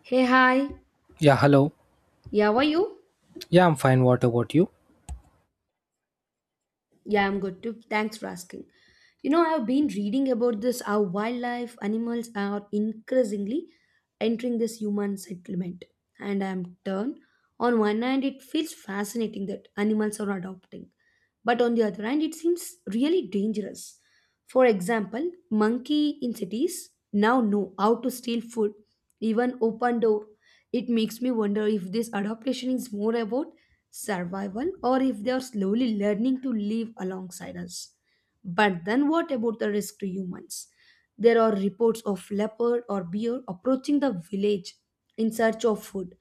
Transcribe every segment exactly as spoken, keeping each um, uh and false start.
Hey, hi. Yeah, hello. Yeah, how are you? Yeah, I'm fine. What about you? Yeah, I'm good too. Thanks for asking. You know, I've been reading about this how wildlife animals are increasingly entering this human settlement. And I'm turned. On one hand, it feels fascinating that animals are adopting. But on the other hand, it seems really dangerous. For example, monkey in cities now know how to steal food, even open door. It makes me wonder if this adaptation is more about survival or if they are slowly learning to live alongside us. But then what about the risk to humans? There are reports of leopard or bear approaching the village in search of food.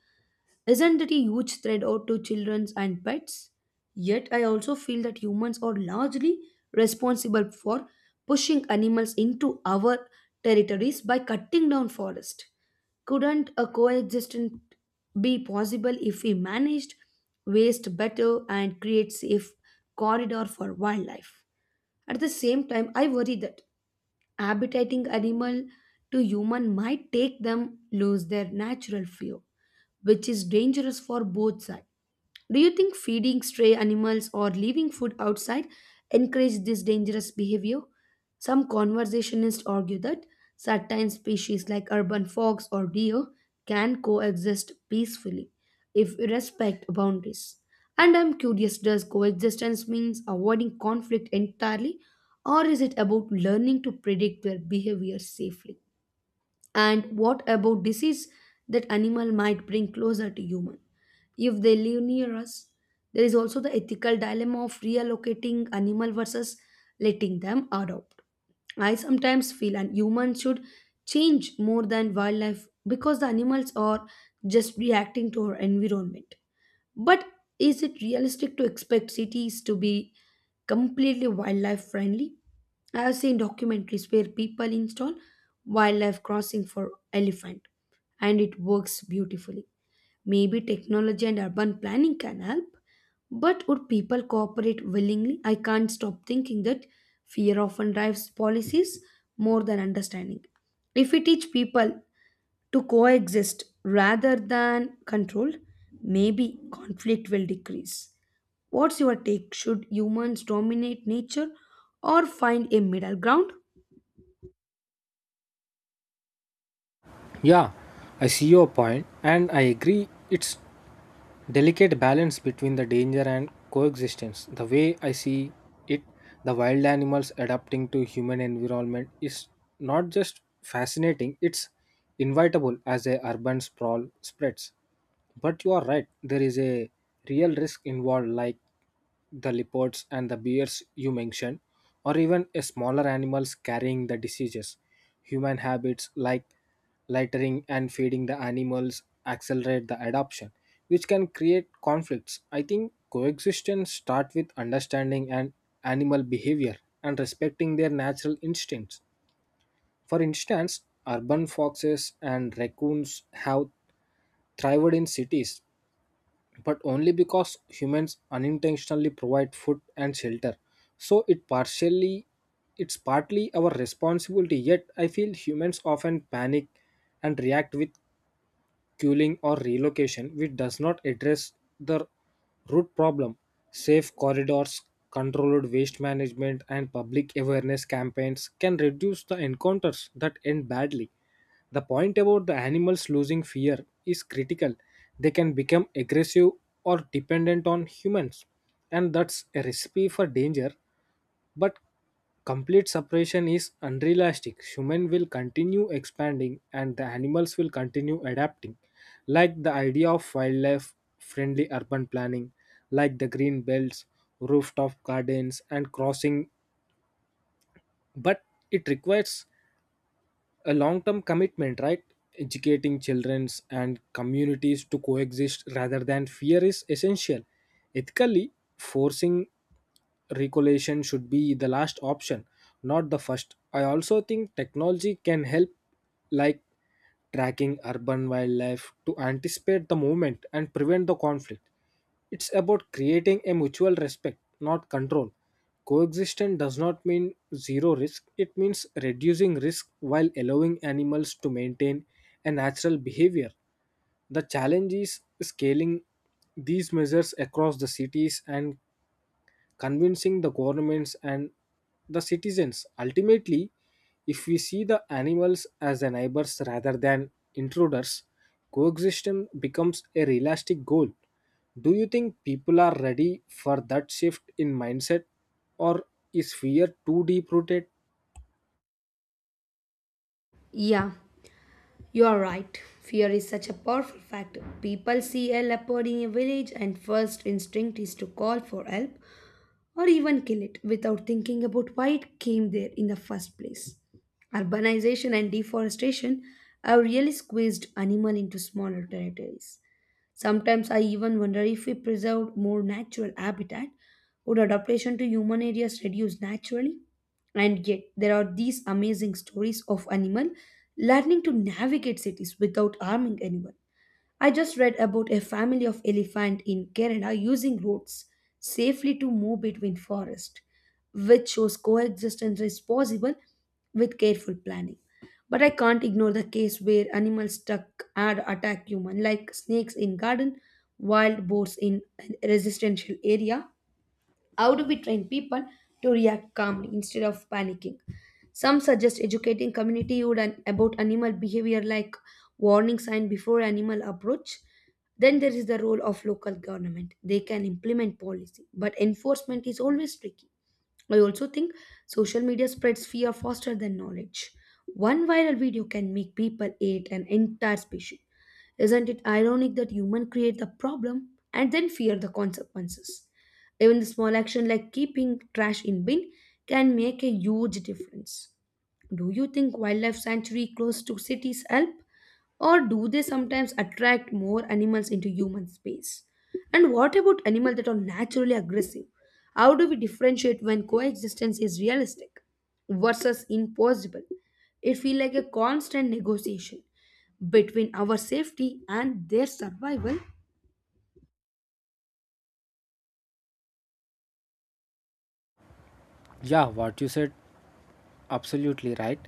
Isn't it a huge threat out to children and pets? Yet I also feel that humans are largely responsible for pushing animals into our territories by cutting down forest. Couldn't a coexistence be possible if we managed waste better and create safe corridor for wildlife? At the same time, I worry that habitating animal to human might take them lose their natural fear, which is dangerous for both sides. Do you think feeding stray animals or leaving food outside encourage this dangerous behavior? Some conservationists argue that certain species like urban fox or deer can coexist peacefully if we respect boundaries. And I'm curious, does coexistence means avoiding conflict entirely or is it about learning to predict their behavior safely? And what about disease that animal might bring closer to human? If they live near us, there is also the ethical dilemma of reallocating animal versus letting them adopt. I sometimes feel and humans should change more than wildlife because the animals are just reacting to our environment. But is it realistic to expect cities to be completely wildlife friendly? I have seen documentaries where people install wildlife crossing for elephant and it works beautifully. Maybe technology and urban planning can help, but would people cooperate willingly? I can't stop thinking that fear often drives policies more than understanding. If we teach people to coexist rather than control, maybe conflict will decrease. What's your take? Should humans dominate nature or find a middle ground? Yeah, I see your point and I agree it's delicate balance between the danger and coexistence. The way I see it, the wild animals adapting to human environment is not just fascinating, it's inevitable as a urban sprawl spreads. But you are right, there is a real risk involved like the leopards and the bears you mentioned, or even a smaller animals carrying the diseases. Human habits like littering and feeding the animals accelerate the adoption, which can create conflicts. I think coexistence start with understanding and animal behavior and respecting their natural instincts. For instance, urban foxes and raccoons have thrived in cities but only because humans unintentionally provide food and shelter, so it partially it's partly our responsibility. Yet I feel humans often panic and react with culling or relocation, which does not address the root problem. Safe corridors, controlled waste management, and public awareness campaigns can reduce the encounters that end badly. The point about the animals losing fear is critical. They can become aggressive or dependent on humans, and that's a recipe for danger, but complete separation is unrealistic. Human will continue expanding and the animals will continue adapting. Like the idea of wildlife friendly urban planning, like the green belts, rooftop gardens, and crossing. But it requires a long term commitment, right? Educating childrens and communities to coexist rather than fear is essential. Ethically, forcing regulation should be the last option, not the first. I also think technology can help, like tracking urban wildlife to anticipate the movement and prevent the conflict. It's about creating a mutual respect, not control. Coexistence does not mean zero risk, it means reducing risk while allowing animals to maintain a natural behavior. The challenge is scaling these measures across the cities and convincing the governments and the citizens. Ultimately, if we see the animals as the neighbors rather than intruders, coexistence becomes a realistic goal. Do you think people are ready for that shift in mindset, or is fear too deep rooted? Yeah. You are right. Fear is such a powerful factor. People see a leopard in a village, and first instinct is to call for help or even kill it without thinking about why it came there in the first place. Urbanization and deforestation have really squeezed animal into smaller territories. Sometimes I even wonder, if we preserved more natural habitat, would adaptation to human areas reduce naturally? And yet, there are these amazing stories of animal learning to navigate cities without harming anyone. I just read about a family of elephant in Canada using roads safely to move between forests, which shows coexistence is possible with careful planning. But I can't ignore the case where animals stuck and attack human, like snakes in garden, wild boars in residential area. How do we train people to react calmly instead of panicking? Some suggest educating community would an- about animal behavior, like warning sign before animal approach. Then there is the role of local government. They can implement policy, but enforcement is always tricky. I also think social media spreads fear faster than knowledge. One viral video can make people hate an entire species. Isn't it ironic that humans create the problem and then fear the consequences? Even the small action like keeping trash in bin can make a huge difference. Do you think wildlife sanctuary close to cities help? Or do they sometimes attract more animals into human space? And what about animals that are naturally aggressive? How do we differentiate when coexistence is realistic versus impossible? It feels like a constant negotiation between our safety and their survival. Yeah, what you said absolutely right.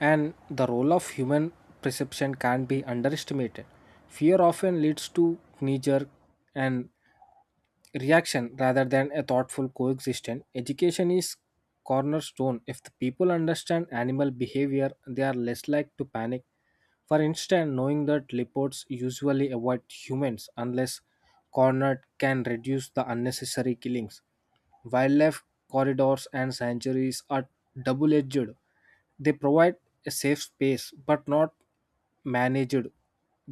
And the role of human perception can't be underestimated. Fear often leads to knee jerk and reaction rather than a thoughtful coexistence. Education is cornerstone. If the people understand animal behavior, they are less likely to panic. For instance, knowing that leopards usually avoid humans unless cornered can reduce the unnecessary killings. Wildlife corridors and sanctuaries are double edged. They provide a safe space but not managed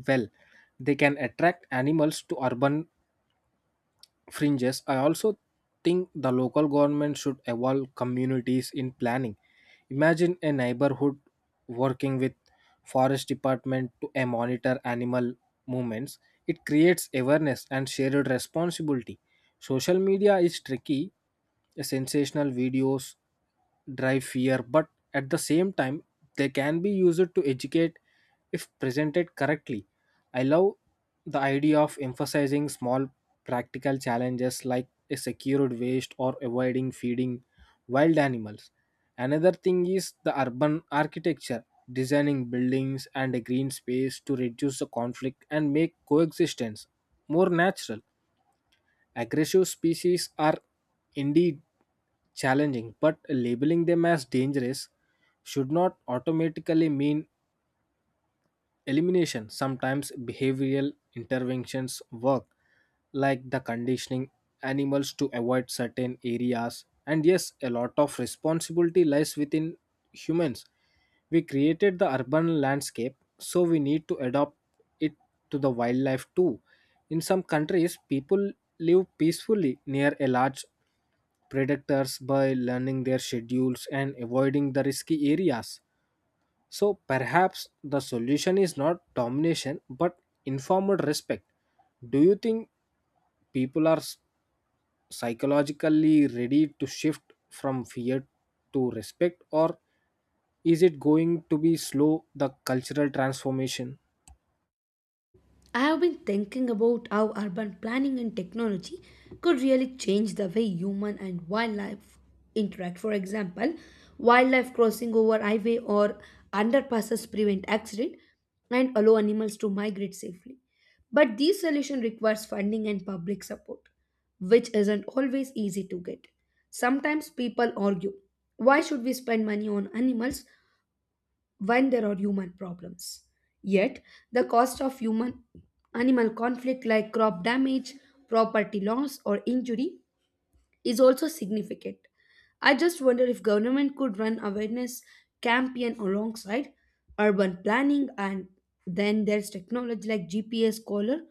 well. They can attract animals to urban fringes. I also think the local government should involve communities in planning. Imagine a neighborhood working with forest department to uh, monitor animal movements. It creates awareness and shared responsibility. Social media is tricky, sensational videos drive fear, but at the same time, they can be used to educate if presented correctly. I love the idea of emphasizing small practical challenges like a secured waste or avoiding feeding wild animals. Another thing is the urban architecture, designing buildings and a green space to reduce the conflict and make coexistence more natural. Aggressive species are indeed challenging, but labeling them as dangerous should not automatically mean elimination. Sometimes behavioral interventions work, like the conditioning animals to avoid certain areas. And yes, a lot of responsibility lies within humans. We created the urban landscape, so we need to adopt it to the wildlife too. In some countries people live peacefully near a large predators by learning their schedules and avoiding the risky areas, so perhaps the solution is not domination but informed respect. Do you think people are s- psychologically ready to shift from fear to respect, or is it going to be slow the cultural transformation? I have been thinking about how urban planning and technology could really change the way human and wildlife interact. For example, wildlife crossing over highway or underpasses prevent accident and allow animals to migrate safely. But these solution requires funding and public support, which isn't always easy to get. Sometimes people argue, why should we spend money on animals when there are human problems. Yet, the cost of human animal conflict, like crop damage, property loss, or injury, is also significant. I just wonder if government could run awareness campaign alongside urban planning, and then there's technology like G P S collar,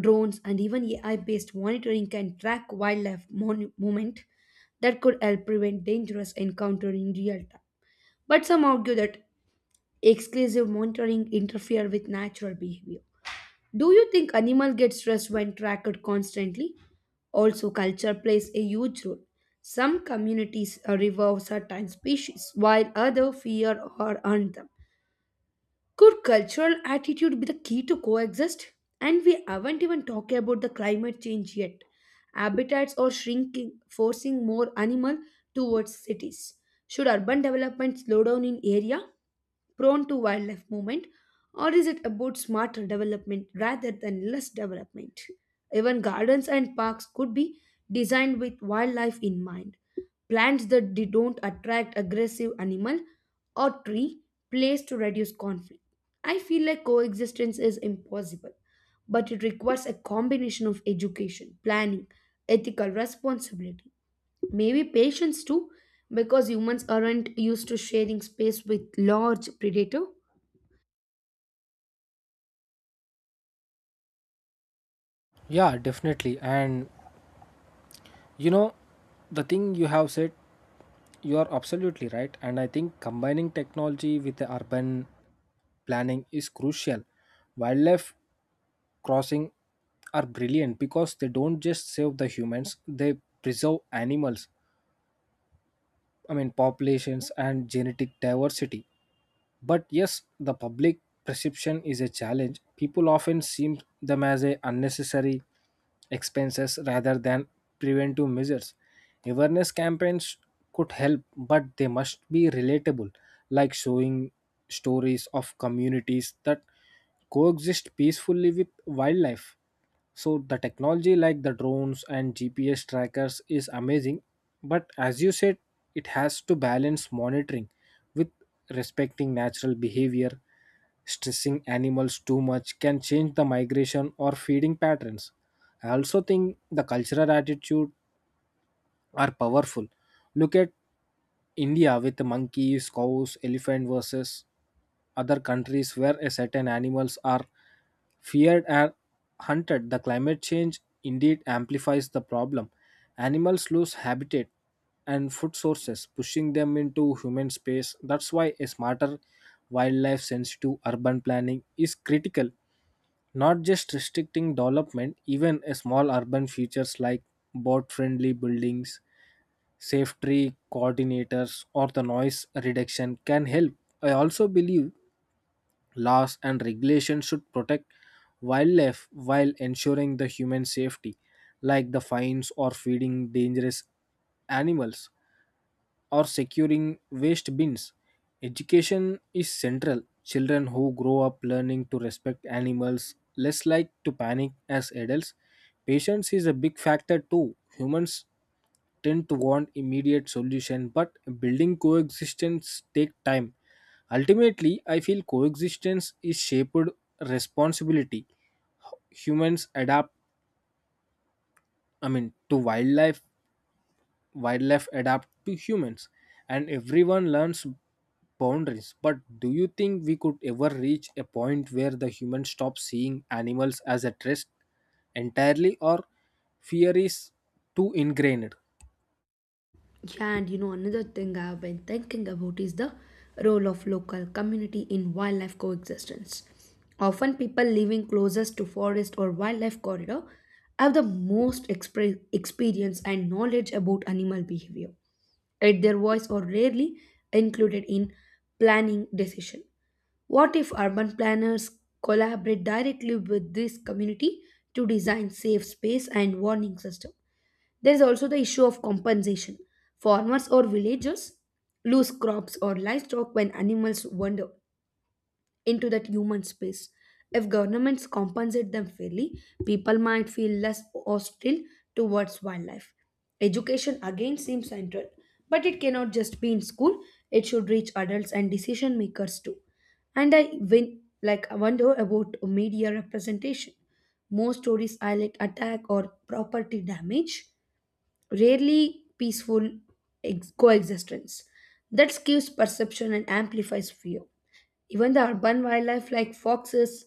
drones, and even A I-based monitoring can track wildlife mon- movement that could help prevent dangerous encounter in real time. But some argue that exclusive monitoring interfere with natural behavior. Do you think animal get stressed when tracked constantly? Also, culture plays a huge role. Some communities uh, revere certain species, while others fear or hunt them. Could cultural attitude be the key to coexist? And we haven't even talked about the climate change yet. Habitats are shrinking, forcing more animal towards cities. Should urban development slow down in area prone to wildlife movement, or is it about smarter development rather than less development? Even gardens and parks could be designed with wildlife in mind. Plants that they don't attract aggressive animal, or tree place to reduce conflict. I feel like coexistence is impossible, but it requires a combination of education, planning, ethical responsibility, maybe patience too, because humans aren't used to sharing space with large predator. Yeah, definitely. And you know, the thing you have said, you are absolutely right. And I think combining technology with the urban planning is crucial. Wildlife crossing are brilliant because they don't just save the humans, they preserve animals, I mean, populations and genetic diversity. But yes, the public perception is a challenge. People often see them as a unnecessary expenses rather than preventive measures. Awareness campaigns could help, but they must be relatable, like showing stories of communities that coexist peacefully with wildlife. So the technology like the drones and G P S trackers is amazing, but as you said, it has to balance monitoring with respecting natural behavior. Stressing animals too much can change the migration or feeding patterns. I also think the cultural attitude are powerful. Look at India with monkeys, cows, elephant versus other countries where a certain animals are feared and hunted. The climate change indeed amplifies the problem. Animals lose habitat and food sources, pushing them into human space. That's why a smarter wildlife sensitive urban planning is critical. Not just restricting development, even a small urban features like boat friendly buildings, safety coordinators, or the noise reduction can help. I also believe laws and regulations should protect wildlife while ensuring the human safety, like the fines or feeding dangerous animals or securing waste bins. Education is central. Children who grow up learning to respect animals less like to panic as adults. Patience is a big factor too. Humans tend to want immediate solution but building coexistence take time. Ultimately, I feel coexistence is shaped responsibility. Humans adapt, I mean, to wildlife, wildlife adapt to humans, and everyone learns boundaries. But do you think we could ever reach a point where the human stops seeing animals as a threat entirely, or fear is too ingrained? Yeah, and you know, another thing I've been thinking about is the role of local community in wildlife coexistence. Often, people living closest to forest or wildlife corridor have the most expre- experience and knowledge about animal behavior, yet their voice are rarely included in planning decision. What if urban planners collaborate directly with this community to design safe space and warning system? There is also the issue of compensation. Farmers or villagers lose crops or livestock when animals wander into that human space. If governments compensate them fairly, people might feel less hostile towards wildlife. Education again seems central, but it cannot just be in school, it should reach adults and decision makers too. And I win, like I wonder about media representation. Most stories highlight attack or property damage, rarely peaceful ex- coexistence that skews perception and amplifies fear. Even the urban wildlife like foxes,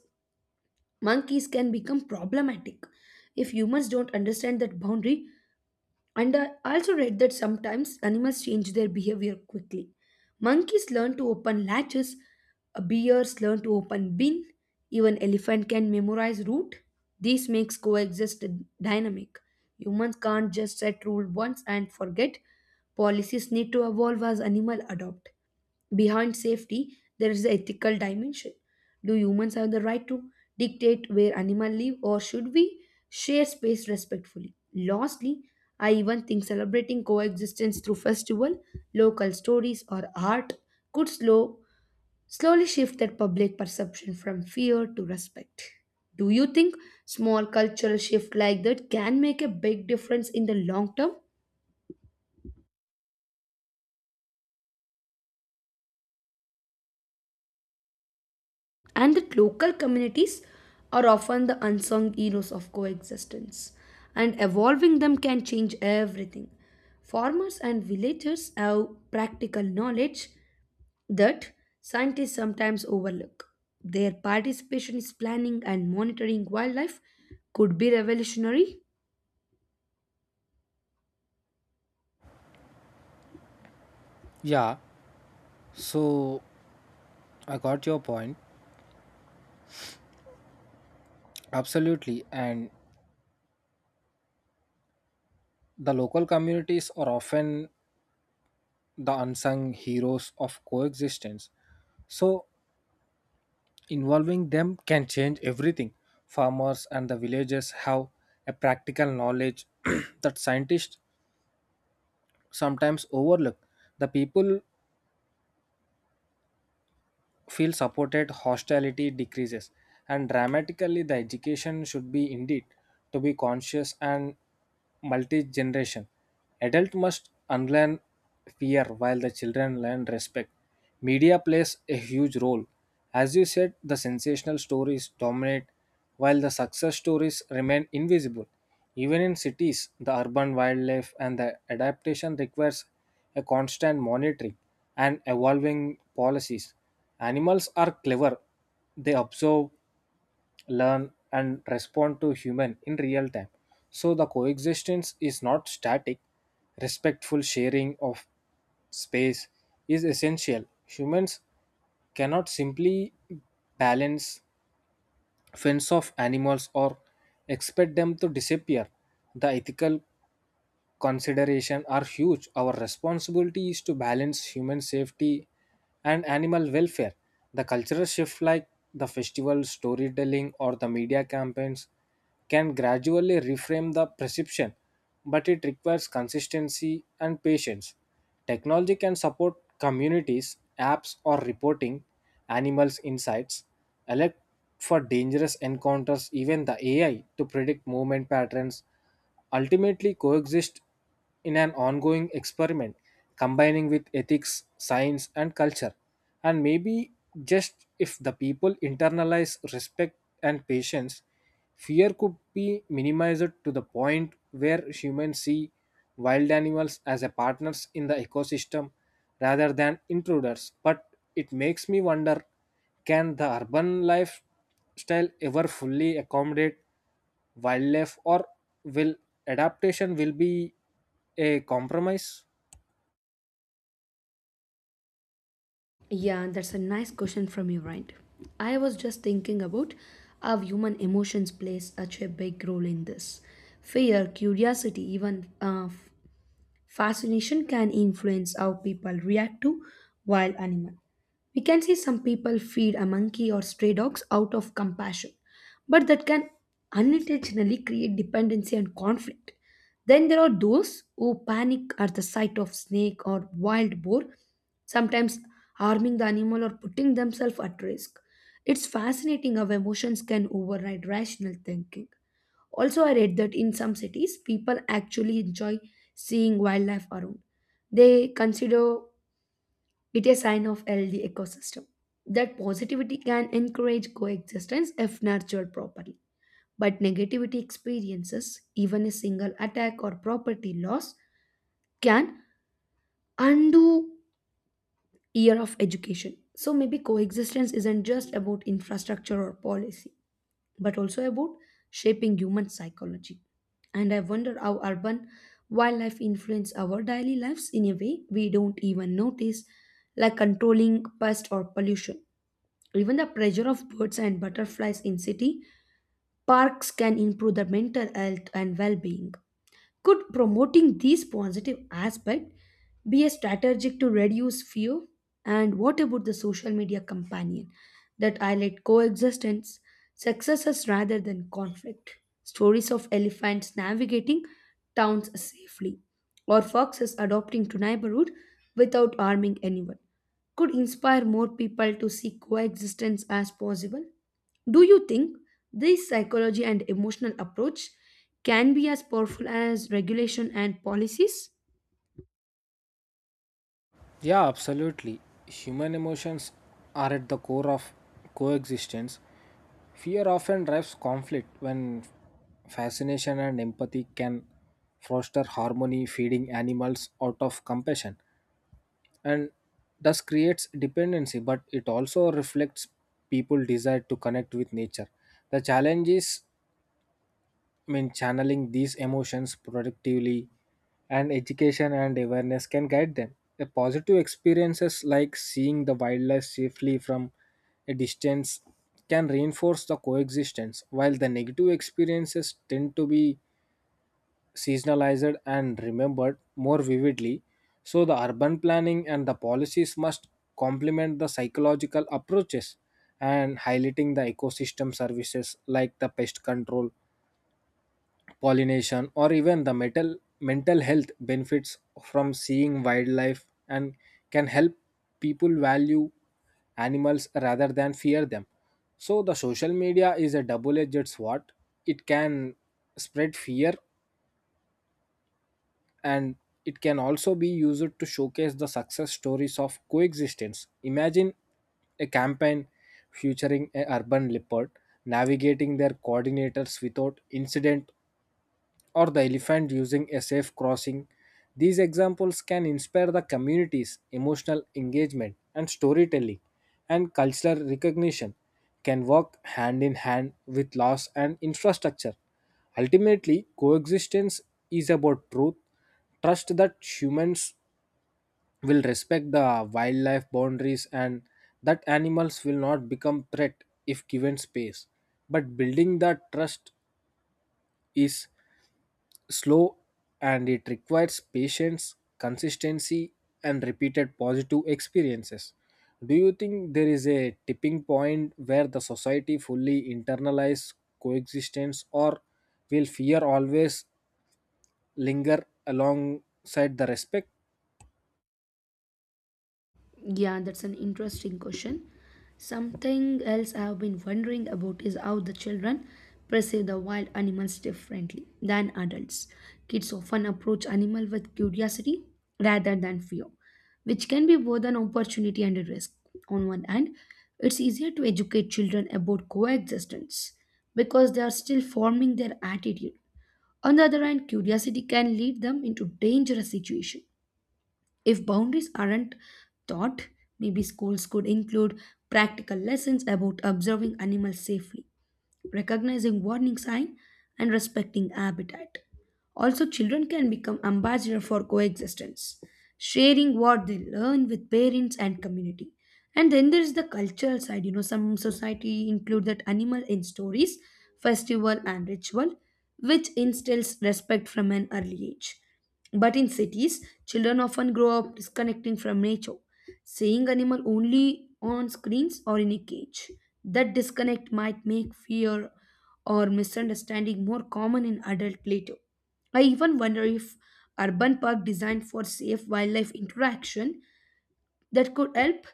monkeys can become problematic if humans don't understand that boundary. And I also read that sometimes animals change their behavior quickly. Monkeys learn to open latches, uh, bears learn to open bin, even elephant can memorize route. This makes coexist dynamic. Humans can't just set rule once and forget. Policies need to evolve as animal adopt. Behind safety, there is the ethical dimension. Do humans have the right to dictate where animals live, or should we share space respectfully? Lastly, I even think celebrating coexistence through festival, local stories, or art could slow slowly shift that public perception from fear to respect. Do you think small cultural shift like that can make a big difference in the long term? And that local communities are often the unsung heroes of coexistence, and evolving them can change everything. Farmers and villagers have practical knowledge that scientists sometimes overlook. Their participation in planning and monitoring wildlife could be revolutionary. Yeah, so I got your point. Absolutely, and the local communities are often the unsung heroes of coexistence, so involving them can change everything. Farmers and the villagers have a practical knowledge that scientists sometimes overlook. The people feel supported, hostility decreases. And dramatically, the education should be indeed to be conscious and multi generation. Adult must unlearn fear while the children learn respect. Media plays a huge role. As you said, the sensational stories dominate while the success stories remain invisible. Even in cities, the urban wildlife and the adaptation requires a constant monitoring and evolving policies. Animals are clever. They observe, learn, and respond to human in real time. So the coexistence is not static. Respectful sharing of space is essential. Humans cannot simply balance fence of animals or expect them to disappear. The ethical consideration are huge. Our responsibility is to balance human safety and animal welfare. The cultural shift, like the festival storytelling or the media campaigns, can gradually reframe the perception, but it requires consistency and patience. Technology can support communities, apps, or reporting animals' insights, alert for dangerous encounters, even the A I to predict movement patterns. Ultimately, coexist in an ongoing experiment combining with ethics, science, and culture. And maybe just if the people internalize respect and patience, fear could be minimized to the point where humans see wild animals as a partners in the ecosystem rather than intruders. But it makes me wonder, can the urban lifestyle ever fully accommodate wildlife, or will adaptation will be a compromise? Yeah, that's a nice question from you, right? I was just thinking about how human emotions play such a big role in this. Fear, curiosity, even uh, fascination can influence how people react to wild animals. We can see some people feed a monkey or stray dogs out of compassion, but that can unintentionally create dependency and conflict. Then there are those who panic at the sight of snake or wild boar, sometimes harming the animal or putting themselves at risk. It's fascinating how emotions can override rational thinking. Also, I read that in some cities, people actually enjoy seeing wildlife around. They consider it a sign of healthy ecosystem. That positivity can encourage coexistence if nurtured properly. But negativity experiences, even a single attack or property loss, can undo year of education. So maybe coexistence isn't just about infrastructure or policy, but also about shaping human psychology. And I wonder how urban wildlife influence our daily lives in a way we don't even notice, like controlling pest or pollution. Even the pressure of birds and butterflies in city parks can improve the mental health and well-being. Could promoting these positive aspects be a strategic to reduce fear? And what about the social media companion that highlight coexistence, successes rather than conflict? Stories of elephants navigating towns safely, or foxes adopting to neighborhood without harming anyone, could inspire more people to see coexistence as possible. Do you think this psychology and emotional approach can be as powerful as regulation and policies? Yeah, absolutely. Human emotions are at the core of coexistence. Fear often drives conflict when fascination and empathy can foster harmony. Feeding animals out of compassion and thus creates dependency, but it also reflects people desire to connect with nature. The challenge is, I mean, channeling these emotions productively, and education and awareness can guide them. The positive experiences like seeing the wildlife safely from a distance can reinforce the coexistence, while the negative experiences tend to be seasonalized and remembered more vividly. So, the urban planning and the policies must complement the psychological approaches, and highlighting the ecosystem services like the pest control, pollination, or even the metal, mental health benefits from seeing wildlife and can help people value animals rather than fear them. So, the social media is a double edged sword. It can spread fear, and it can also be used to showcase the success stories of coexistence. Imagine a campaign featuring an urban leopard navigating their coordinators without incident, or the elephant using a safe crossing. These examples can inspire the community's emotional engagement, and storytelling, and cultural recognition can work hand in hand with laws and infrastructure. Ultimately, coexistence is about truth, trust that humans will respect the wildlife boundaries and that animals will not become threat if given space. But building that trust is slow, and it requires patience, consistency, and repeated positive experiences. Do you think there is a tipping point where the society fully internalizes coexistence, or will fear always linger alongside the respect? Yeah, that's an interesting question. Something else I've been wondering about is how the children perceive the wild animals differently than adults. Kids often approach animal with curiosity rather than fear, which can be both an opportunity and a risk. On one hand, it's easier to educate children about coexistence because they are still forming their attitude. On the other hand, curiosity can lead them into dangerous situations if boundaries aren't taught. Maybe schools could include practical lessons about observing animals safely, recognizing warning signs, and respecting habitat. Also, children can become ambassadors for coexistence, sharing what they learn with parents and community. And then there is the cultural side. You know, some society include that animal in stories, festival, and ritual, which instills respect from an early age. But in cities, children often grow up disconnecting from nature, seeing animals only on screens or in a cage. That disconnect might make fear or misunderstanding more common in adult later. I even wonder if urban park designed for safe wildlife interaction, that could help.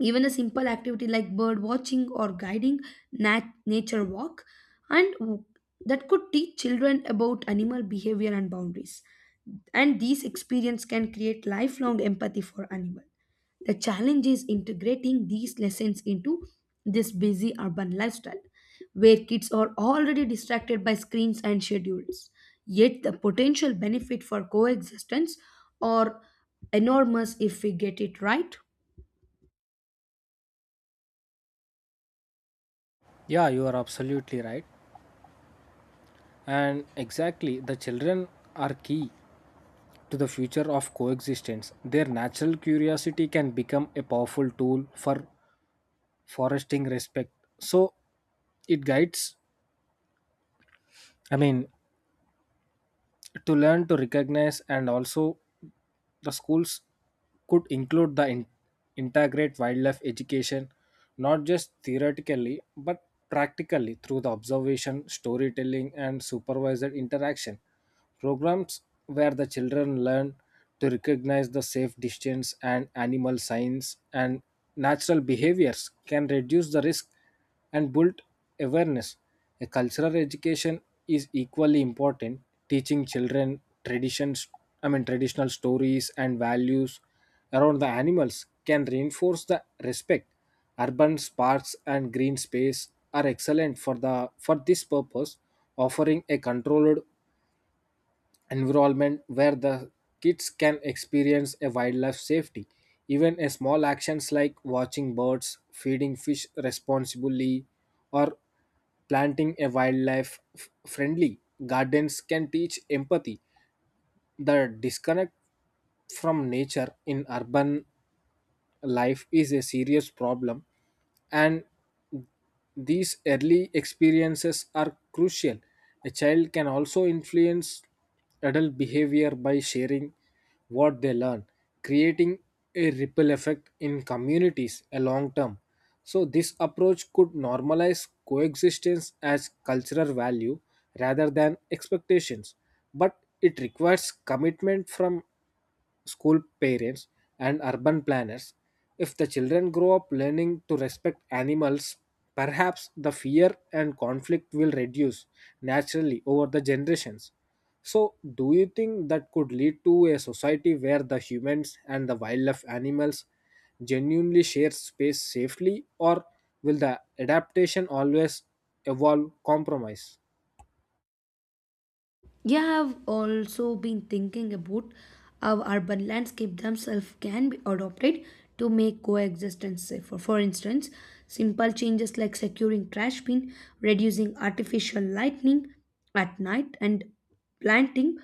Even a simple activity like bird watching or guiding nat- nature walk, and w- that could teach children about animal behavior and boundaries. And these experience can create lifelong empathy for animal. The challenge is integrating these lessons into this busy urban lifestyle where kids are already distracted by screens and schedules. Yet the potential benefit for coexistence are enormous if we get it right. Yeah, you are absolutely right. And exactly, the children are key to the future of coexistence. Their natural curiosity can become a powerful tool for fostering respect. So, it guides, I mean, to learn to recognize. And also the schools could include the in- integrate wildlife education, not just theoretically but practically through the observation, storytelling, and supervised interaction programs where the children learn to recognize the safe distance and animal signs and natural behaviors, can reduce the risk and build awareness. A cultural education is equally important. Teaching children traditions, I mean traditional stories and values around the animals can reinforce the respect. Urban parks and green space are excellent for the for this purpose, offering a controlled environment where the kids can experience a wildlife safety. Even a small actions like watching birds, feeding fish responsibly, or planting a wildlife f- friendly gardens can teach empathy. The disconnect from nature in urban life is a serious problem, and these early experiences are crucial. A child can also influence adult behavior by sharing what they learn, creating a ripple effect in communities a long term. So this approach could normalize coexistence as cultural value rather than expectations, but it requires commitment from school, parents, and urban planners. If the children grow up learning to respect animals, perhaps the fear and conflict will reduce naturally over the generations. So, do you think that could lead to a society where the humans and the wildlife animals genuinely share space safely, or will the adaptation always evolve compromise? Yeah, I've also been thinking about how urban landscape themselves can be adopted to make coexistence safer. For instance, simple changes like securing trash bin, reducing artificial lighting at night, and planting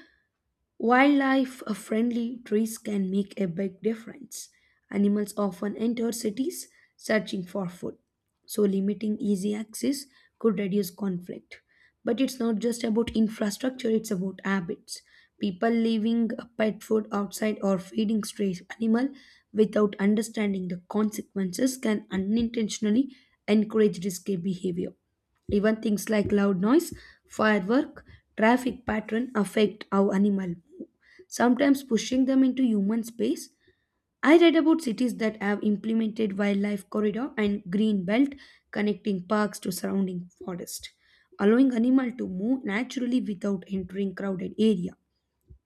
wildlife friendly trees can make a big difference. Animals often enter cities searching for food, so limiting easy access could reduce conflict. But it's not just about infrastructure, it's about habits. People leaving pet food outside or feeding stray animal without understanding the consequences can unintentionally encourage risky behavior. Even things like loud noise, firework, traffic pattern affect how animal move, sometimes pushing them into human space. I read about cities that have implemented wildlife corridor and green belt connecting parks to surrounding forest, allowing animal to move naturally without entering crowded area.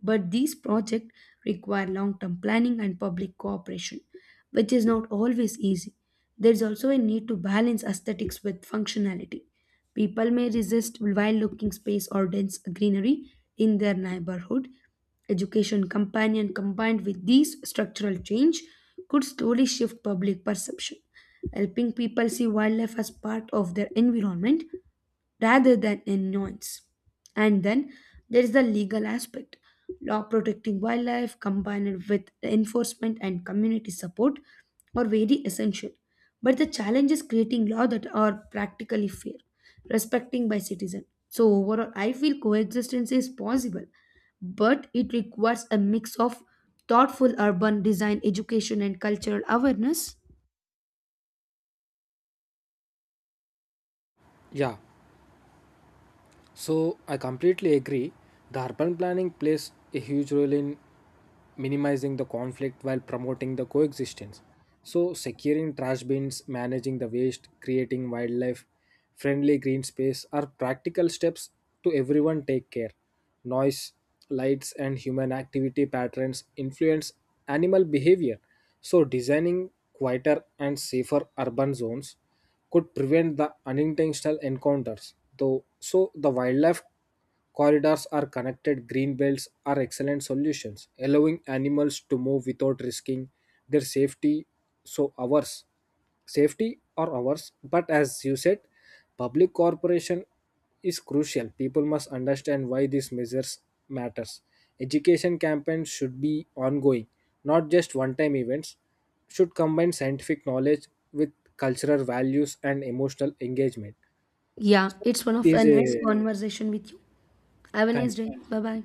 But these projects require long term planning and public cooperation, which is not always easy. There is also a need to balance aesthetics with functionality. People may resist wild looking space or dense greenery in their neighborhood. Education companion combined with these structural change could slowly shift public perception, helping people see wildlife as part of their environment rather than annoyance. And then there is the legal aspect. Law protecting wildlife combined with enforcement and community support are very essential. But the challenge is creating law that are practically fair, respecting by citizen. So overall, I feel coexistence is possible, but it requires a mix of thoughtful urban design, education, and cultural awareness. Yeah, so I completely agree. The urban planning plays a huge role in minimizing the conflict while promoting the coexistence. So, securing trash bins, managing the waste, creating wildlife friendly green space are practical steps to everyone take care. Noise, lights, and human activity patterns influence animal behavior. So, designing quieter and safer urban zones could prevent the unintentional encounters. Though, so the wildlife corridors or connected green belts are excellent solutions, allowing animals to move without risking their safety, so ours, safety or ours. But as you said, public cooperation is crucial. People must understand why these measures matters. Education campaigns should be ongoing, not just one-time events. Should combine scientific knowledge with cultural values and emotional engagement. Yeah, it's one It of a is nice a conversation with you. Have a Thank nice you. day. Bye bye.